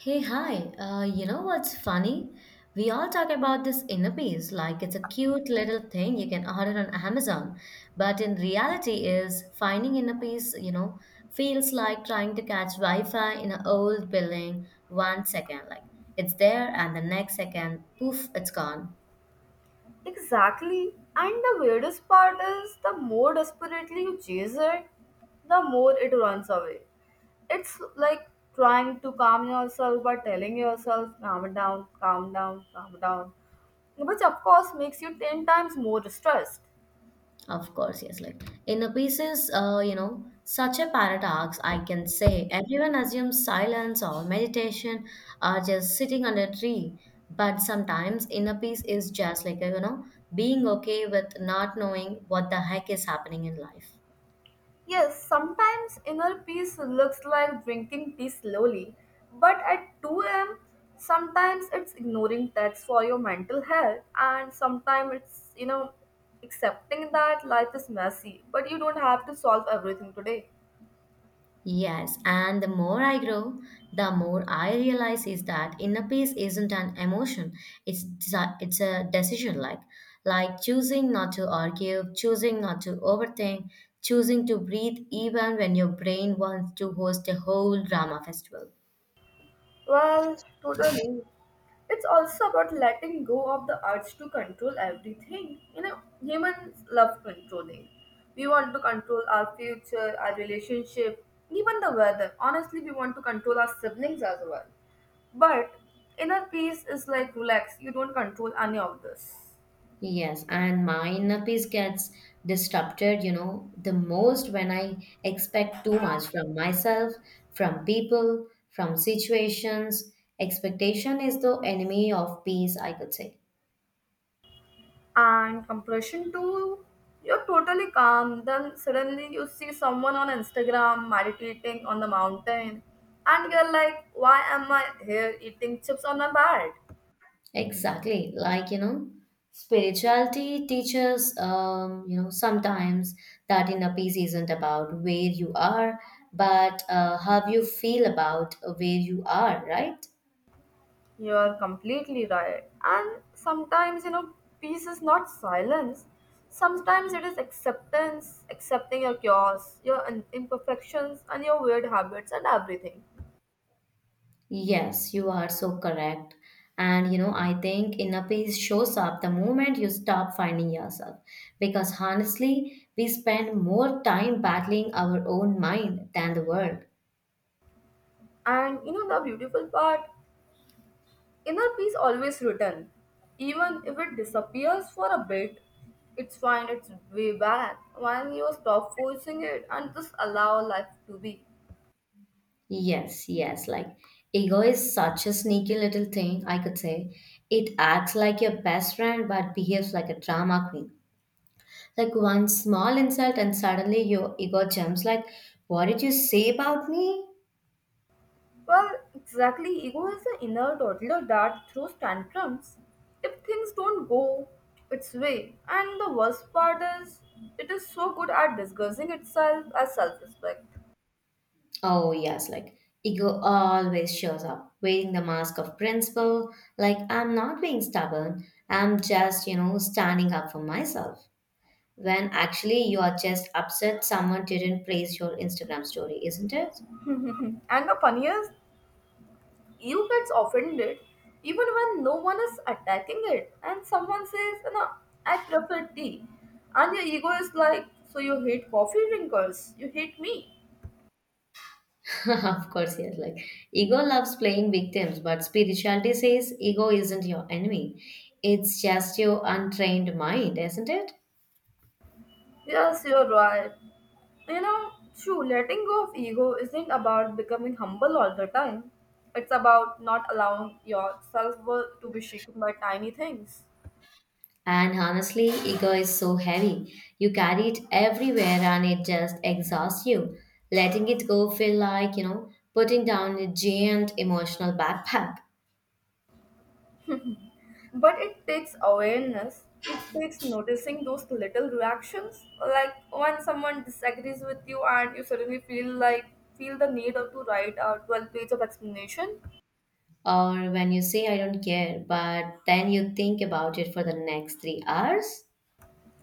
Hey, hi. You know what's funny? We all talk about this inner peace like it's a cute little thing you can order on Amazon. But in reality is finding inner peace, feels like trying to catch Wi-Fi in an old building 1 second. Like it's there and the next second, poof, it's gone. Exactly. And the weirdest part is the more desperately you chase it, the more it runs away. It's like trying to calm yourself by telling yourself, calm down, calm down, calm down, which of course makes you 10 times more stressed. Of course, yes. Like in a pieces, such a paradox, I can say. Everyone assumes silence or meditation or just sitting under a tree. But sometimes inner peace is just like, being okay with not knowing what the heck is happening in life. Yes, sometimes inner peace looks like drinking tea slowly, but at 2 a.m., sometimes it's ignoring texts for your mental health, and sometimes it's accepting that life is messy, but you don't have to solve everything today. Yes, and the more I grow, the more I realize is that inner peace isn't an emotion. It's a decision like choosing not to argue, choosing not to overthink, choosing to breathe even when your brain wants to host a whole drama festival. Well, totally. It's also about letting go of the urge to control everything. You know, humans love controlling. We want to control our future, our relationship, even the weather. Honestly, we want to control our siblings as well. But inner peace is like relax, you don't control any of this. Yes, and my inner peace gets disrupted, the most when I expect too much from myself, from people, from situations. Expectation is the enemy of peace, I could say. And compression too. You're totally calm. Then suddenly you see someone on Instagram meditating on the mountain, and you're like, why am I here eating chips on my bed? Exactly. Like, spirituality teaches, sometimes that inner peace isn't about where you are, but how you feel about where you are, right? You're completely right. And sometimes, you know, peace is not silence. Sometimes it is acceptance, accepting your chaos, your imperfections, and your weird habits, and everything. Yes, you are so correct. And you know, I think inner peace shows up the moment you stop finding yourself. Because honestly, we spend more time battling our own mind than the world. And you know the beautiful part? Inner peace always returns. Even if it disappears for a bit, it's find its way back when you stop forcing it and just allow life to be. Yes, yes, like ego is such a sneaky little thing, I could say. It acts like your best friend but behaves like a drama queen. Like one small insult, and suddenly your ego jumps, like, what did you say about me? Well, exactly, ego is the inner toddler that throws tantrums if things don't go its way. And the worst part is, it is so good at disguising itself as self respect. Oh, yes, like ego always shows up, wearing the mask of principle. Like, I'm not being stubborn, I'm just, standing up for myself. When actually you are just upset someone didn't praise your Instagram story, isn't it? And the funniest, you gets offended even when no one is attacking it, and someone says, you know, I prefer tea, and your ego is like, so you hate coffee drinkers, you hate me. Of course, yes. Like, ego loves playing victims, but spirituality says ego isn't your enemy. It's just your untrained mind, isn't it? Yes, you're right. You know, true letting go of ego isn't about becoming humble all the time. It's about not allowing your self-worth to be shaken by tiny things. And honestly, ego is so heavy. You carry it everywhere and it just exhausts you. Letting it go feel like, putting down a giant emotional backpack. But it takes awareness. It takes noticing those little reactions, like when someone disagrees with you and you suddenly feel the need of to write a 12 page of explanation. Or when you say I don't care, but then you think about it for the next 3 hours.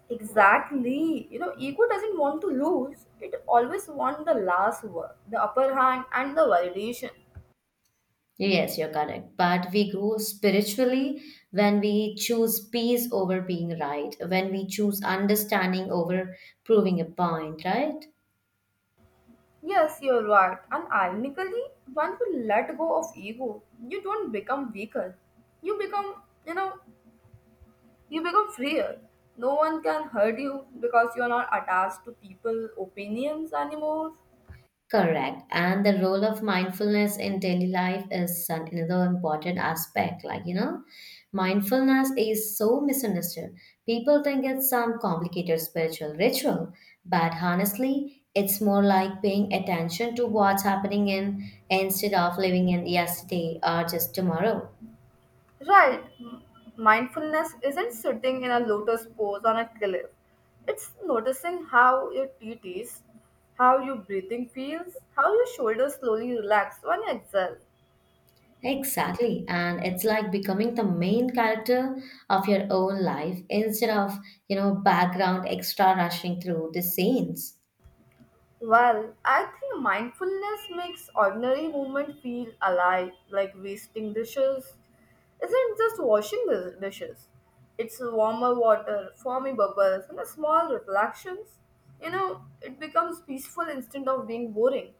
Exactly. You know, ego doesn't want to lose. It always wants the last word, the upper hand and the validation. Yes, you're correct. But we grow spiritually when we choose peace over being right, when we choose understanding over proving a point, right? Yes, you're right. And ironically, when you let go of ego, you don't become weaker. You become, you become freer. No one can hurt you because you're not attached to people opinions anymore. Correct. And the role of mindfulness in daily life is another important aspect. Like, mindfulness is so misunderstood. People think it's some complicated spiritual ritual, but honestly, it's more like paying attention to what's happening in instead of living in yesterday or just tomorrow. Right. Mindfulness isn't sitting in a lotus pose on a cliff. It's noticing how your teeth taste, how your breathing feels, how your shoulders slowly relax when you exhale. Exactly. And it's like becoming the main character of your own life instead of, background extra rushing through the scenes. Well, I think mindfulness makes ordinary movement feel alive, like wasting dishes. Isn't just washing the dishes. It's warmer water, foamy bubbles, and the small reflections. You know, it becomes peaceful instead of being boring.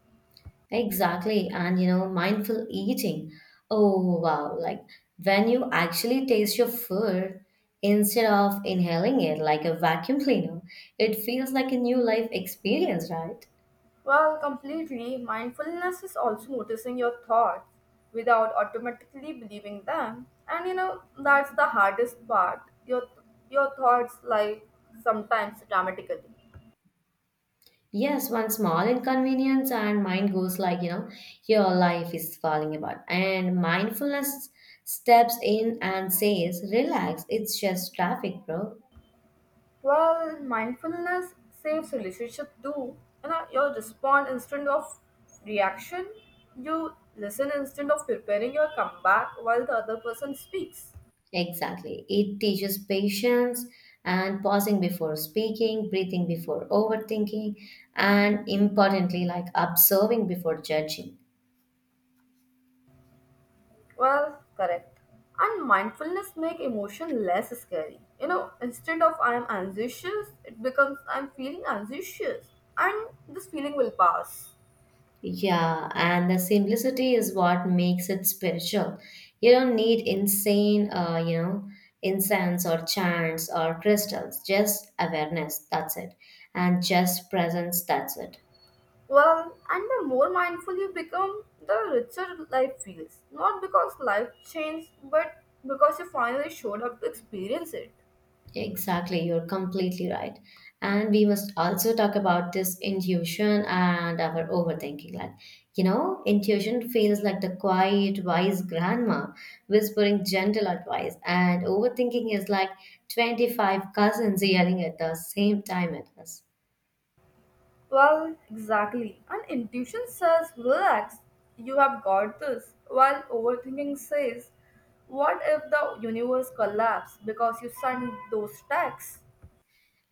Exactly. And you know, mindful eating. Oh, wow. Like when you actually taste your food instead of inhaling it like a vacuum cleaner, it feels like a new life experience, right? Well, completely, mindfulness is also noticing your thoughts without automatically believing them. And you know, that's the hardest part. Your your thoughts like sometimes dramatically. Yes, one small inconvenience and mind goes like, your life is falling apart. And mindfulness steps in and says, relax, it's just traffic, bro. Well, mindfulness saves relationship too. You know, you respond instead of reaction. You listen instead of preparing your comeback while the other person speaks. Exactly. It teaches patience and pausing before speaking, breathing before overthinking, and importantly, like observing before judging. Well, correct. And mindfulness make emotion less scary. You know, instead of I am anxious, it becomes I am feeling anxious, and this feeling will pass. Yeah, and the simplicity is what makes it spiritual. You don't need insane, incense or chants or crystals, just awareness, that's it. And just presence, that's it. Well, and the more mindful you become, the richer life feels. Not because life changed, but because you finally showed up to experience it. Exactly, you're completely right. And we must also talk about this intuition and our overthinking. Like, intuition feels like the quiet, wise grandma whispering gentle advice, and overthinking is like 25 cousins yelling at the same time at us. Well, exactly. And intuition says, relax, you have got this, while overthinking says, what if the universe collapsed because you sent those texts?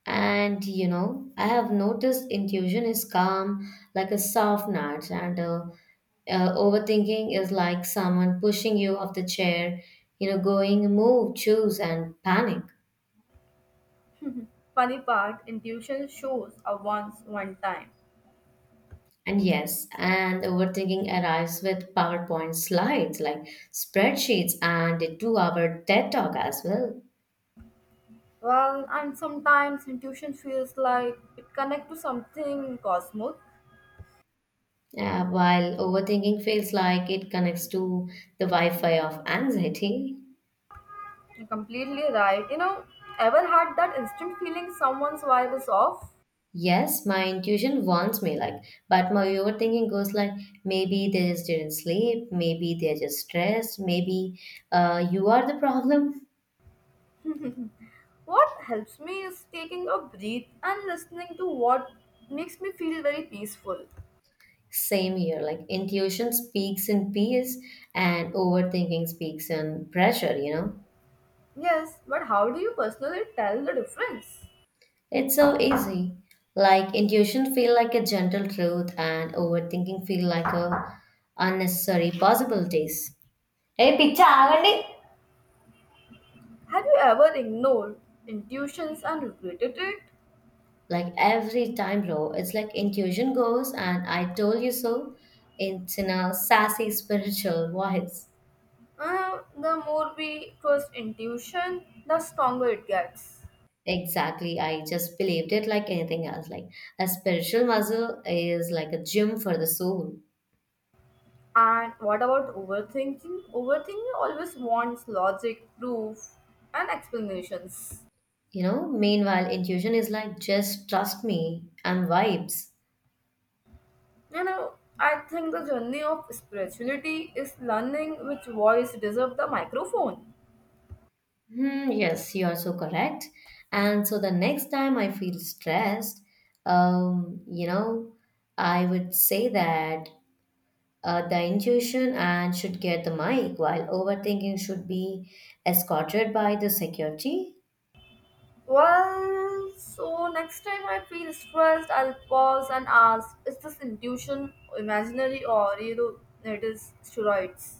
And you know, I have noticed intuition is calm, like a soft nudge, and overthinking is like someone pushing you off the chair, going move, choose, and panic. Funny part, intuition shows a once, one time. And yes, and overthinking arrives with PowerPoint slides, like spreadsheets, and a two-hour TED talk as well. Well, and sometimes intuition feels like it connects to something cosmic. While overthinking feels like it connects to the Wi-Fi of anxiety. You're completely right. You know, ever had that instant feeling someone's vibe is off? Yes, my intuition warns me like, but my overthinking goes like, maybe they just didn't sleep, maybe they're just stressed, maybe you are the problem. What helps me is taking a breath and listening to what makes me feel very peaceful. Same here, like intuition speaks in peace and overthinking speaks in pressure, you know? Yes, but how do you personally tell the difference? It's so easy. Like intuition feel like a gentle truth and overthinking feel like a unnecessary possibilities. Hey, pitch. Have you ever ignored intuitions and regretted it? Like every time, bro, it's like intuition goes, and I told you so. It's in a sassy spiritual voice. The more we trust intuition, the stronger it gets. Exactly. I just believed it like anything else. Like a spiritual muscle is like a gym for the soul, And what about overthinking? Overthinking always wants logic, proof, and explanations. you know? Meanwhile, intuition is like just trust me and vibes. You know, I think the journey of spirituality is learning which voice deserves the microphone. Hmm, yes, you are so correct. And so the next time I feel stressed, um, you know, I would say that the intuition and should get the mic while overthinking should be escorted by the security. Well, so next time I feel stressed, I'll pause and ask, is this intuition imaginary or, you know, it is steroids?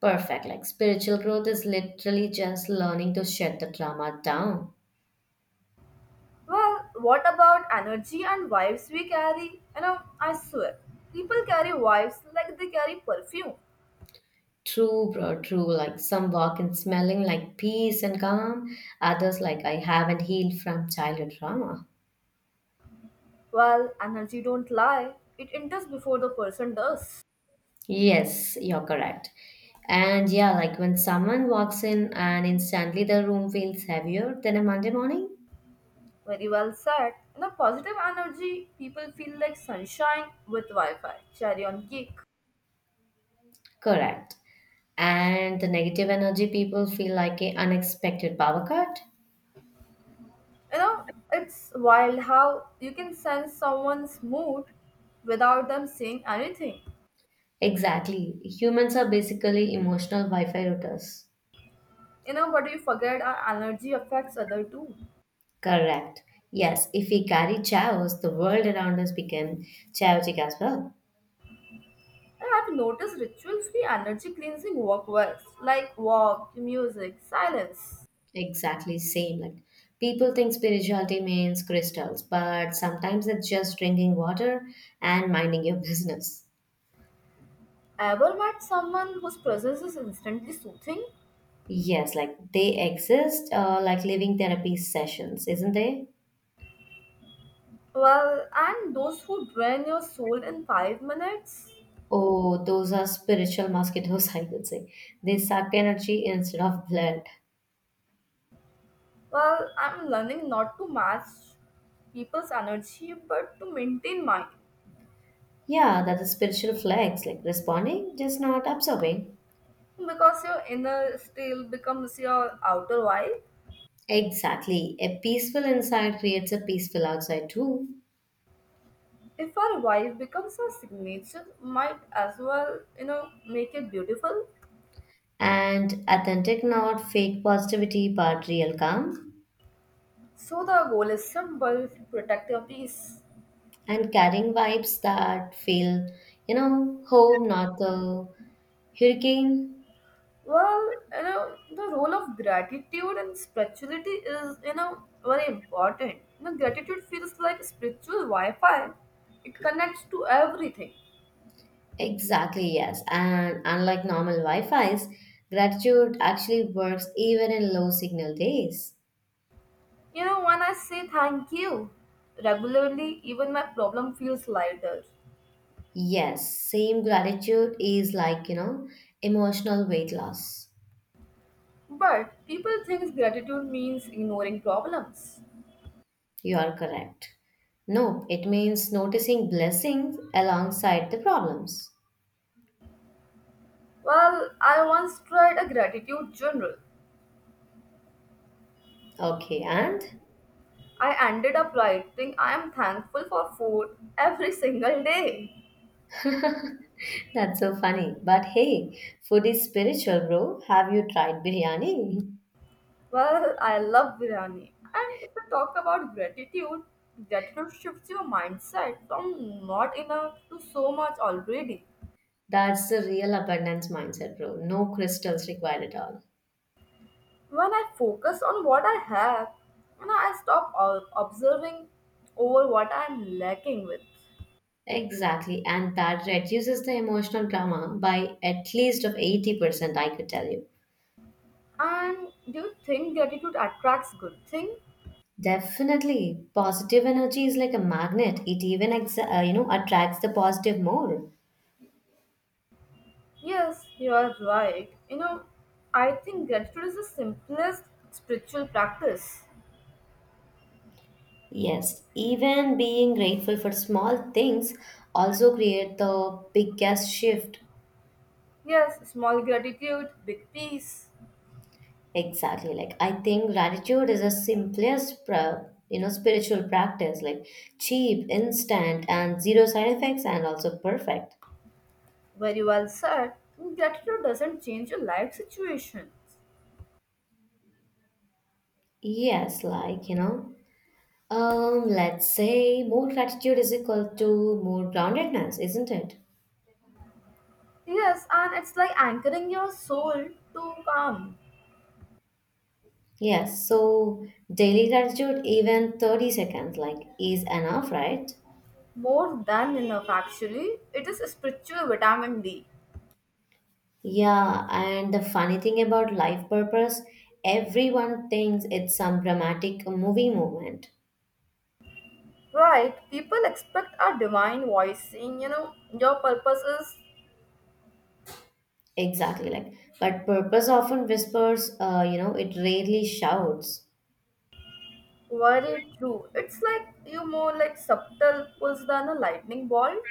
Perfect. Like spiritual growth is literally just learning to shut the drama down. Well, what about energy and vibes we carry? You know, I swear, people carry vibes like they carry perfume. True, bro, true. Like some walk in smelling like peace and calm, others like I haven't healed from childhood trauma. Well, energy don't lie, it enters before the person does. Yes, you're correct. And yeah, like when someone walks in and instantly the room feels heavier than a Monday morning, Very well said. In a positive energy, people feel like sunshine with Wi Fi. Cherry on cake. correct. And the negative energy people feel like a unexpected power cut. You know, it's wild how you can sense someone's mood without them saying anything. Exactly. Humans are basically emotional Wi-Fi routers. You know, but you forget our energy affects other too. Correct. Yes, if we carry chaos, the world around us became chaotic as well. And I've noticed rituals be energy cleansing work well, like walk, music, silence. Exactly same. Like people think spirituality means crystals, but sometimes it's just drinking water and minding your business. Ever met someone whose presence is instantly soothing? Yes, like they exist, like living therapy sessions, isn't they? Well, and those who drain your soul in 5 minutes? Oh, those are spiritual mosquitoes, I would say. They suck energy instead of blood. Well, I'm learning not to match people's energy but to maintain mine, Yeah, that's a spiritual flex, like responding, just not absorbing. because your inner style becomes your outer vibe. Exactly. A peaceful inside creates a peaceful outside too. If our vibe becomes our signature, might as well, you know, make it beautiful. And authentic, not fake positivity, but real calm. So the goal is simple protect your peace. And carrying vibes that feel, home, not the hurricane. Well, you know, the role of gratitude and spirituality is, you know, very important. You know, gratitude feels like spiritual Wi Fi, it connects to everything. Exactly, yes. And unlike normal Wi-Fis, gratitude actually works even in low signal days. You know, when I say thank you regularly, even my problem feels lighter. Yes, same gratitude is like, emotional weight loss. But people think gratitude means ignoring problems. You are correct. No, it means noticing blessings alongside the problems. Well, I once tried a gratitude journal. Okay, and I ended up writing, I am thankful for food every single day. that's so funny. But hey, food is spiritual, bro. Have you tried biryani? Well, I love biryani. And if we talk about gratitude, gratitude shifts your mindset from not enough to so much already. That's the real abundance mindset, bro. No crystals required at all. When I focus on what I have, you know, I stop observing over what I'm lacking with. Exactly, and that reduces the emotional drama by at least of 80%, I could tell you. And do you think gratitude attracts good thing? Definitely, positive energy is like a magnet. It even you know attracts the positive more. Yes, you are right. You know, I think gratitude is the simplest spiritual practice. Yes, even being grateful for small things also create the biggest shift. Yes, small gratitude, big peace. Exactly, like I think gratitude is the simplest you know spiritual practice, like cheap, instant, and zero side effects, and also perfect. Very well said. Gratitude doesn't change your life situation. Yes, like you know. Let's say more gratitude is equal to more groundedness, isn't it? Yes, and it's like anchoring your soul to calm. Yes, so daily gratitude, even 30 seconds, like, is enough, right? More than enough, actually. It is a spiritual vitamin D. Yeah, and the funny thing about life purpose, everyone thinks it's some dramatic movie moment. Right, people expect a divine voice saying, you know, your purpose is Exactly, like, but purpose often whispers, it rarely shouts. very true. It's like you more like subtle pulse than a lightning bolt.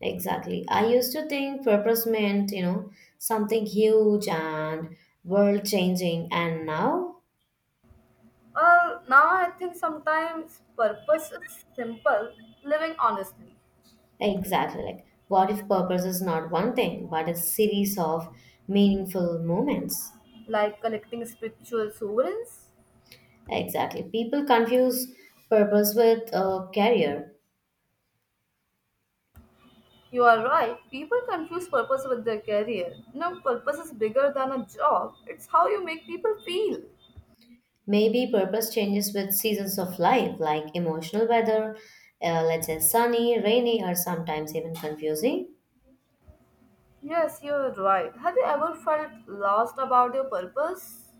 Exactly. I used to think purpose meant, something huge and world changing. And now, Well, now I think sometimes purpose is simple, living honestly, exactly like, what if purpose is not one thing, but a series of meaningful moments? like collecting spiritual sovereigns. Exactly. People confuse purpose with a career. You are right, people confuse purpose with their career. No, purpose is bigger than a job, it's how you make people feel. Maybe purpose changes with seasons of life, like emotional weather, let's say sunny, rainy, or sometimes even confusing. Yes, you're right. Have you ever felt lost about your purpose?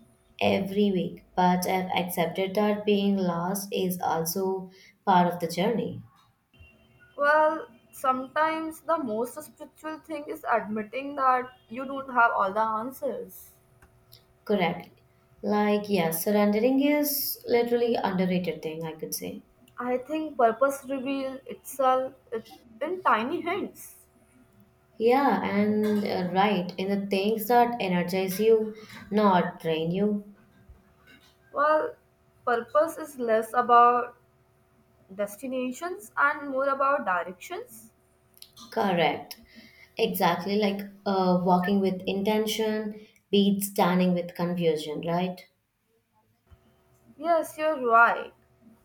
Every week, but I've accepted that being lost is also part of the journey. Well, sometimes the most spiritual thing is admitting that you don't have all the answers. Correct. Like, yeah, surrendering is literally underrated thing, I could say. I think purpose reveals in tiny hints. Yeah, and right, in the things that energize you, not drain you. Well, purpose is less about destinations and more about directions. Correct. Exactly, like walking with intention beats standing with confusion, right? Yes, you're right.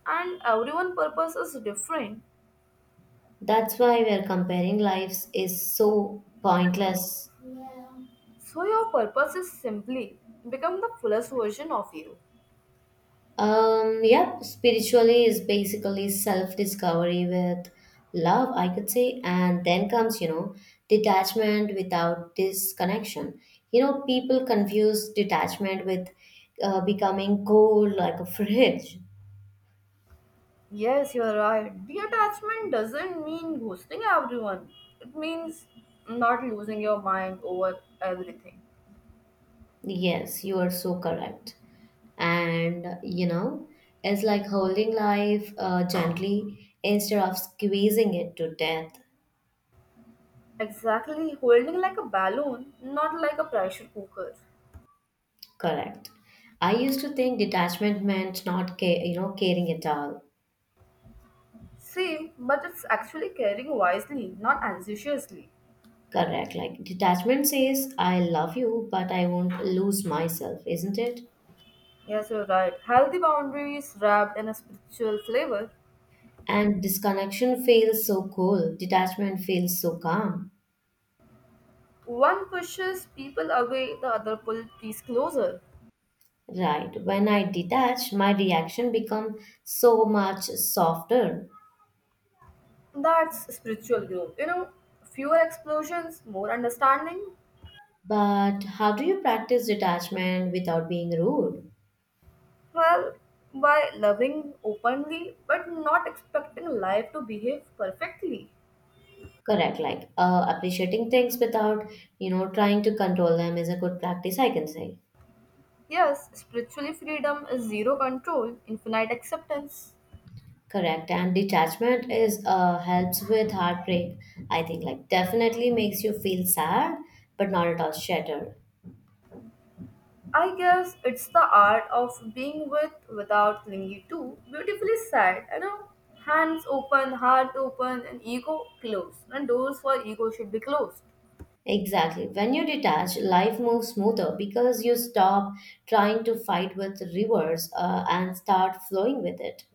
And everyone purpose is different. That's why we're comparing lives is so pointless. So your purpose is simply become the fullest version of you. Yep, spiritually is basically self discovery with love, I could say, and then comes, detachment without disconnection. You know, people confuse detachment with becoming cold like a fridge. Yes, you're right. Detachment doesn't mean ghosting everyone. It means not losing your mind over everything. Yes, you are so correct. And, it's like holding life gently instead of squeezing it to death. Exactly, holding like a balloon, not like a pressure cooker. Correct. I used to think detachment meant not, ca- you know, caring at all. See, but it's actually caring wisely, not anxiously. Correct. Like detachment says, I love you, but I won't lose myself, isn't it? Yes, you're right. Healthy boundaries wrapped in a spiritual flavor. And disconnection feels so cool. Detachment feels so calm. One pushes people away, the other pulls peace closer. Right. When I detach, my reaction becomes so much softer. That's spiritual growth. You know, fewer explosions, more understanding. But how do you practice detachment without being rude? Well, by loving openly but not expecting life to behave perfectly. Correct. Like appreciating things without, trying to control them is a good practice, I can say. Yes, spiritually, freedom is zero control, infinite acceptance. Correct. And detachment is helps with heartbreak. I think like definitely makes you feel sad, but not at all shattered. I guess it's the art of being with without clinging to. Beautifully said, you know. Hands open, heart open, and ego closed. And doors for ego should be closed. Exactly. When you detach, life moves smoother because you stop trying to fight with rivers and start flowing with it.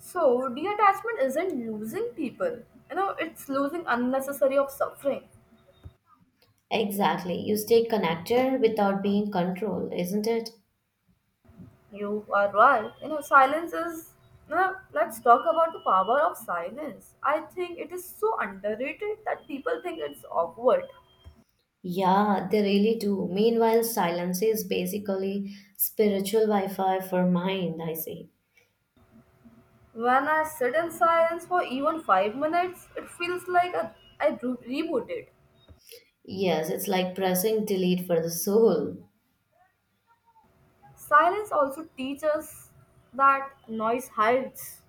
So, detachment isn't losing people. You know, it's losing unnecessary of suffering. Exactly. You stay connected without being controlled, isn't it? You are right. You know, silence is. You know, let's talk about the power of silence. I think it is so underrated that people think it's awkward. Yeah, they really do. Meanwhile, silence is basically spiritual Wi Fi for mind, I say. When I sit in silence for even 5 minutes, it feels like a, rebooted. Yes, it's like pressing delete for the soul. Silence also teaches that noise hides.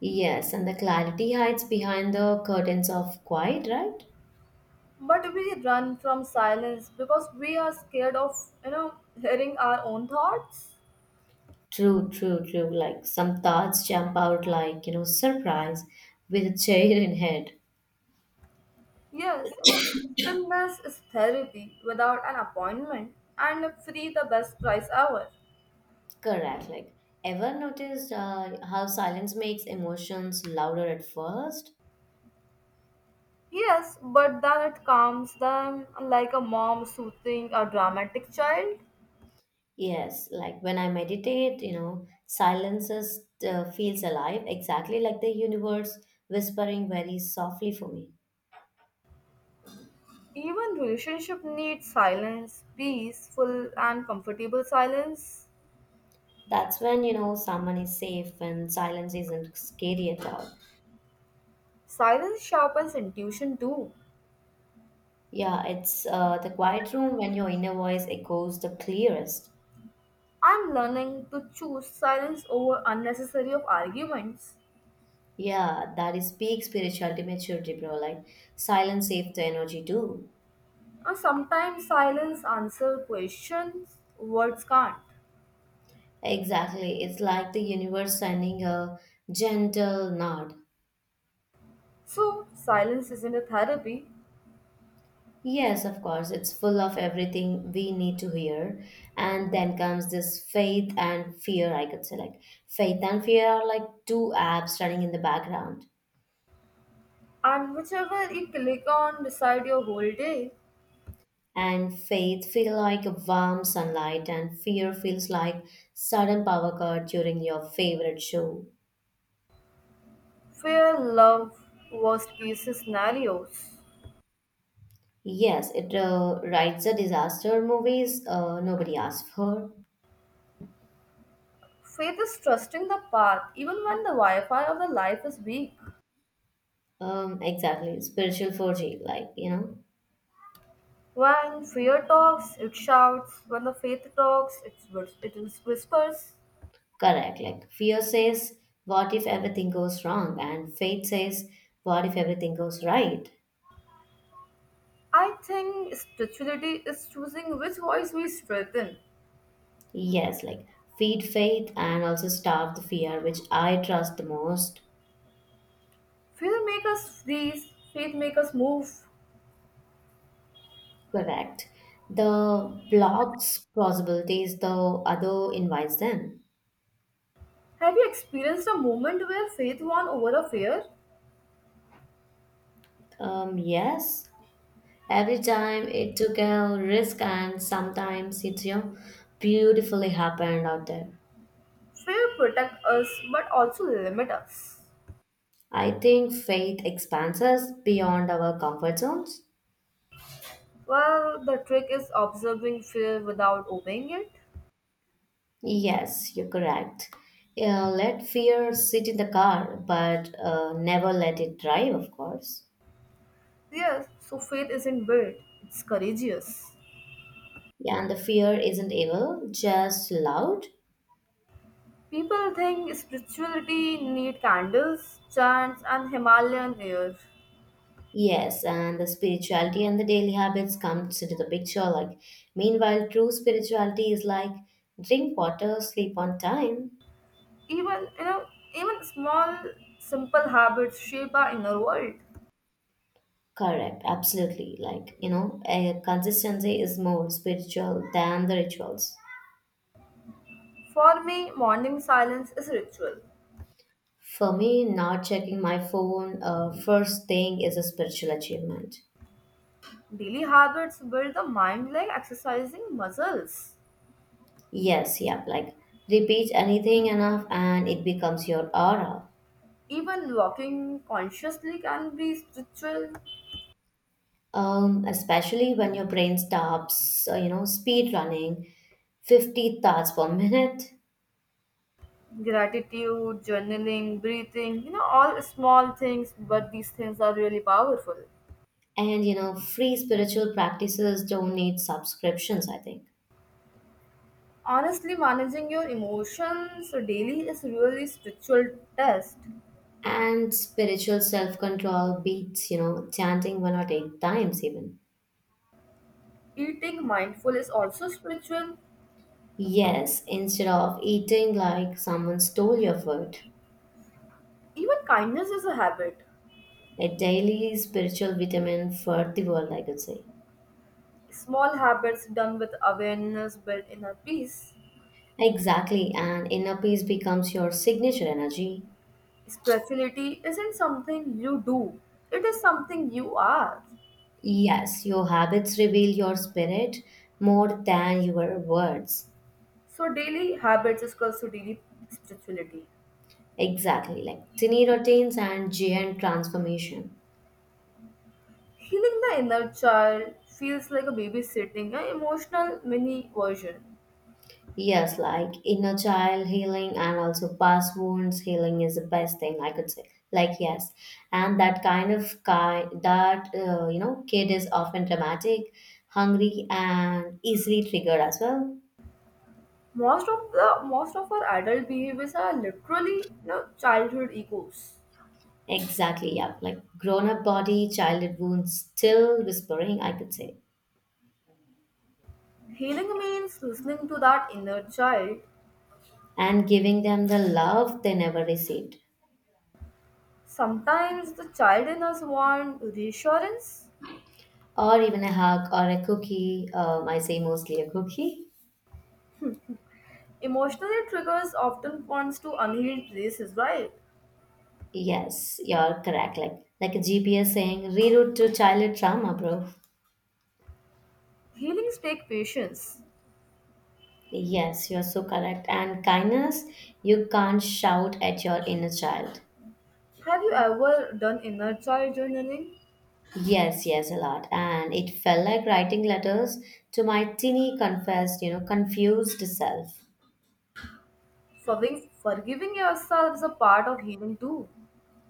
Yes, and the clarity hides behind the curtains of quiet, right? But we run from silence because we are scared of, you know, hearing our own thoughts. True, true, true. Like some thoughts jump out like, surprise with a chair in head. Yes, you know, stillness is therapy without an appointment and free the best price ever. Correct. Like, ever noticed how silence makes emotions louder at first? Yes, but then it calms them like a mom soothing a dramatic child. Yes, like when I meditate, silence is, feels alive, exactly like the universe whispering very softly for me. Even relationship needs silence, peaceful and comfortable silence. That's when you know someone is safe and silence isn't scary at all. Silence sharpens intuition too. Yeah, it's the quiet room when your inner voice echoes the clearest. I'm learning to choose silence over unnecessary of arguments. Yeah, that is peak spirituality maturity, bro. Like silence saves the energy too. And sometimes silence answer questions words can't. Exactly. It's like the universe sending a gentle nod. So silence isn't a therapy. Yes, of course, it's full of everything we need to hear. And then comes this faith and fear, I could say. Like, faith and fear are like two apps running in the background. And whichever you click on decide your whole day. And faith feel like a warm sunlight, and fear feels like sudden power cut during your favorite show. Fear, love, worst case scenarios. Yes, it writes a disaster movies nobody asked for. Faith is trusting the path even when the Wi-Fi of the life is weak. Exactly, spiritual 4G, like When fear talks, it shouts. When the faith talks, it, it whispers. correct. Like fear says, what if everything goes wrong, and faith says, what if everything goes right. I think spirituality is choosing which voice we strengthen. Yes, like feed faith and also starve the fear, which I trust the most. Faith make us freeze, faith make us move. Correct. The blocks possibilities, though, other invites them. Have you experienced a moment where faith won over a fear? Yes, every time it took a risk, and sometimes it's beautifully happened out there. Fear protect us but also limit us. I think faith expands us beyond our comfort zones. Well, the trick is observing fear without obeying it. Yes, you're correct. Let fear sit in the car, but never let it drive, of course. Yes, so faith isn't built, it's courageous. Yeah, and the fear isn't evil, just loud. People think spirituality need candles, chants and Himalayan air. Yes, and the spirituality and the daily habits comes into the picture. Like, meanwhile, true spirituality is like drink water, sleep on time. Even you know even small simple habits shape our inner world. Correct, absolutely. Like, a consistency is more spiritual than the rituals. For me morning silence is ritual. For me, not checking my phone first thing is a spiritual achievement. Daily habits build the mind like exercising muscles. Yes, yep, like repeat anything enough and it becomes your aura. Even walking consciously can be spiritual. Especially when your brain stops, speed running 50 thoughts per minute. Gratitude journaling breathing you know all small things but these things are really powerful. And free spiritual practices don't need subscriptions, I think. Honestly managing your emotions daily is really spiritual test. And spiritual self-control beats chanting one or eight times even. Eating mindful is also spiritual. Yes, instead of eating like someone stole your food. Even kindness is a habit. A daily spiritual vitamin for the world, I could say. Small habits done with awareness build inner peace. Exactly, and inner peace becomes your signature energy. Spirituality isn't something you do, it is something you are. Yes, your habits reveal your spirit more than your words. So, daily habits is equals to daily spirituality. Exactly, like tiny routines and giant transformation. Healing the inner child feels like a babysitting, an emotional mini version. Yes, like inner child healing and also past wounds healing is the best thing I could say. Like yes, and that kind of guy, that kid is often dramatic, hungry, and easily triggered as well. Most of our adult behaviors are literally you know, childhood egos. Exactly, yeah. Like grown up body, childhood wounds still whispering, I could say, Healing means listening to that inner child. and giving them the love they never received. Sometimes the child in us wants reassurance. Or even a hug or a cookie. I say mostly a cookie. Emotional triggers often points to unhealed places, right? Yes, you're correct. Like a GPS saying reroute to childhood trauma, bro. Healings take patience. Yes, you're so correct. And kindness, you can't shout at your inner child. Have you ever done inner child journaling? Yes, yes, a lot. And it felt like writing letters to my teeny confessed, confused self. Forgiving yourself is a part of healing too.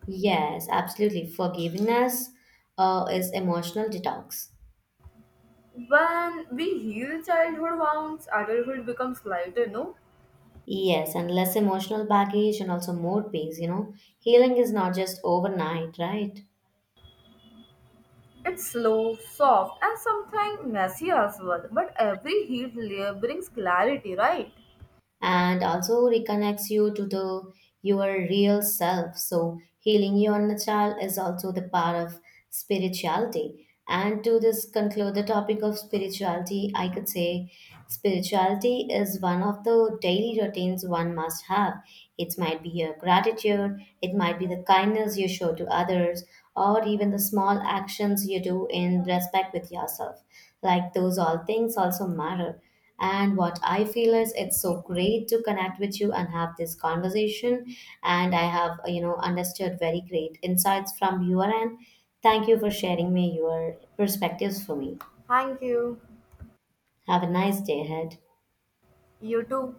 Yes, absolutely. Forgiveness is emotional detox. When we heal childhood wounds, adulthood becomes lighter, no? Yes, and less emotional baggage and also more peace, you know. Healing is not just overnight, right? It's slow, soft, and sometimes messy as well. But every healed layer brings clarity, right? And also reconnects you to the your real self. So healing your inner child is also the part of spirituality. And to this conclude the topic of spirituality, I could say spirituality is one of the daily routines one must have. It might be your gratitude, it might be the kindness you show to others, or even the small actions you do in respect with yourself. Like those all things also matter. And what I feel is it's so great to connect with you and have this conversation. And I have, understood very great insights from your end. Thank you for sharing me your perspectives for me. Thank you. Have a nice day ahead. You too.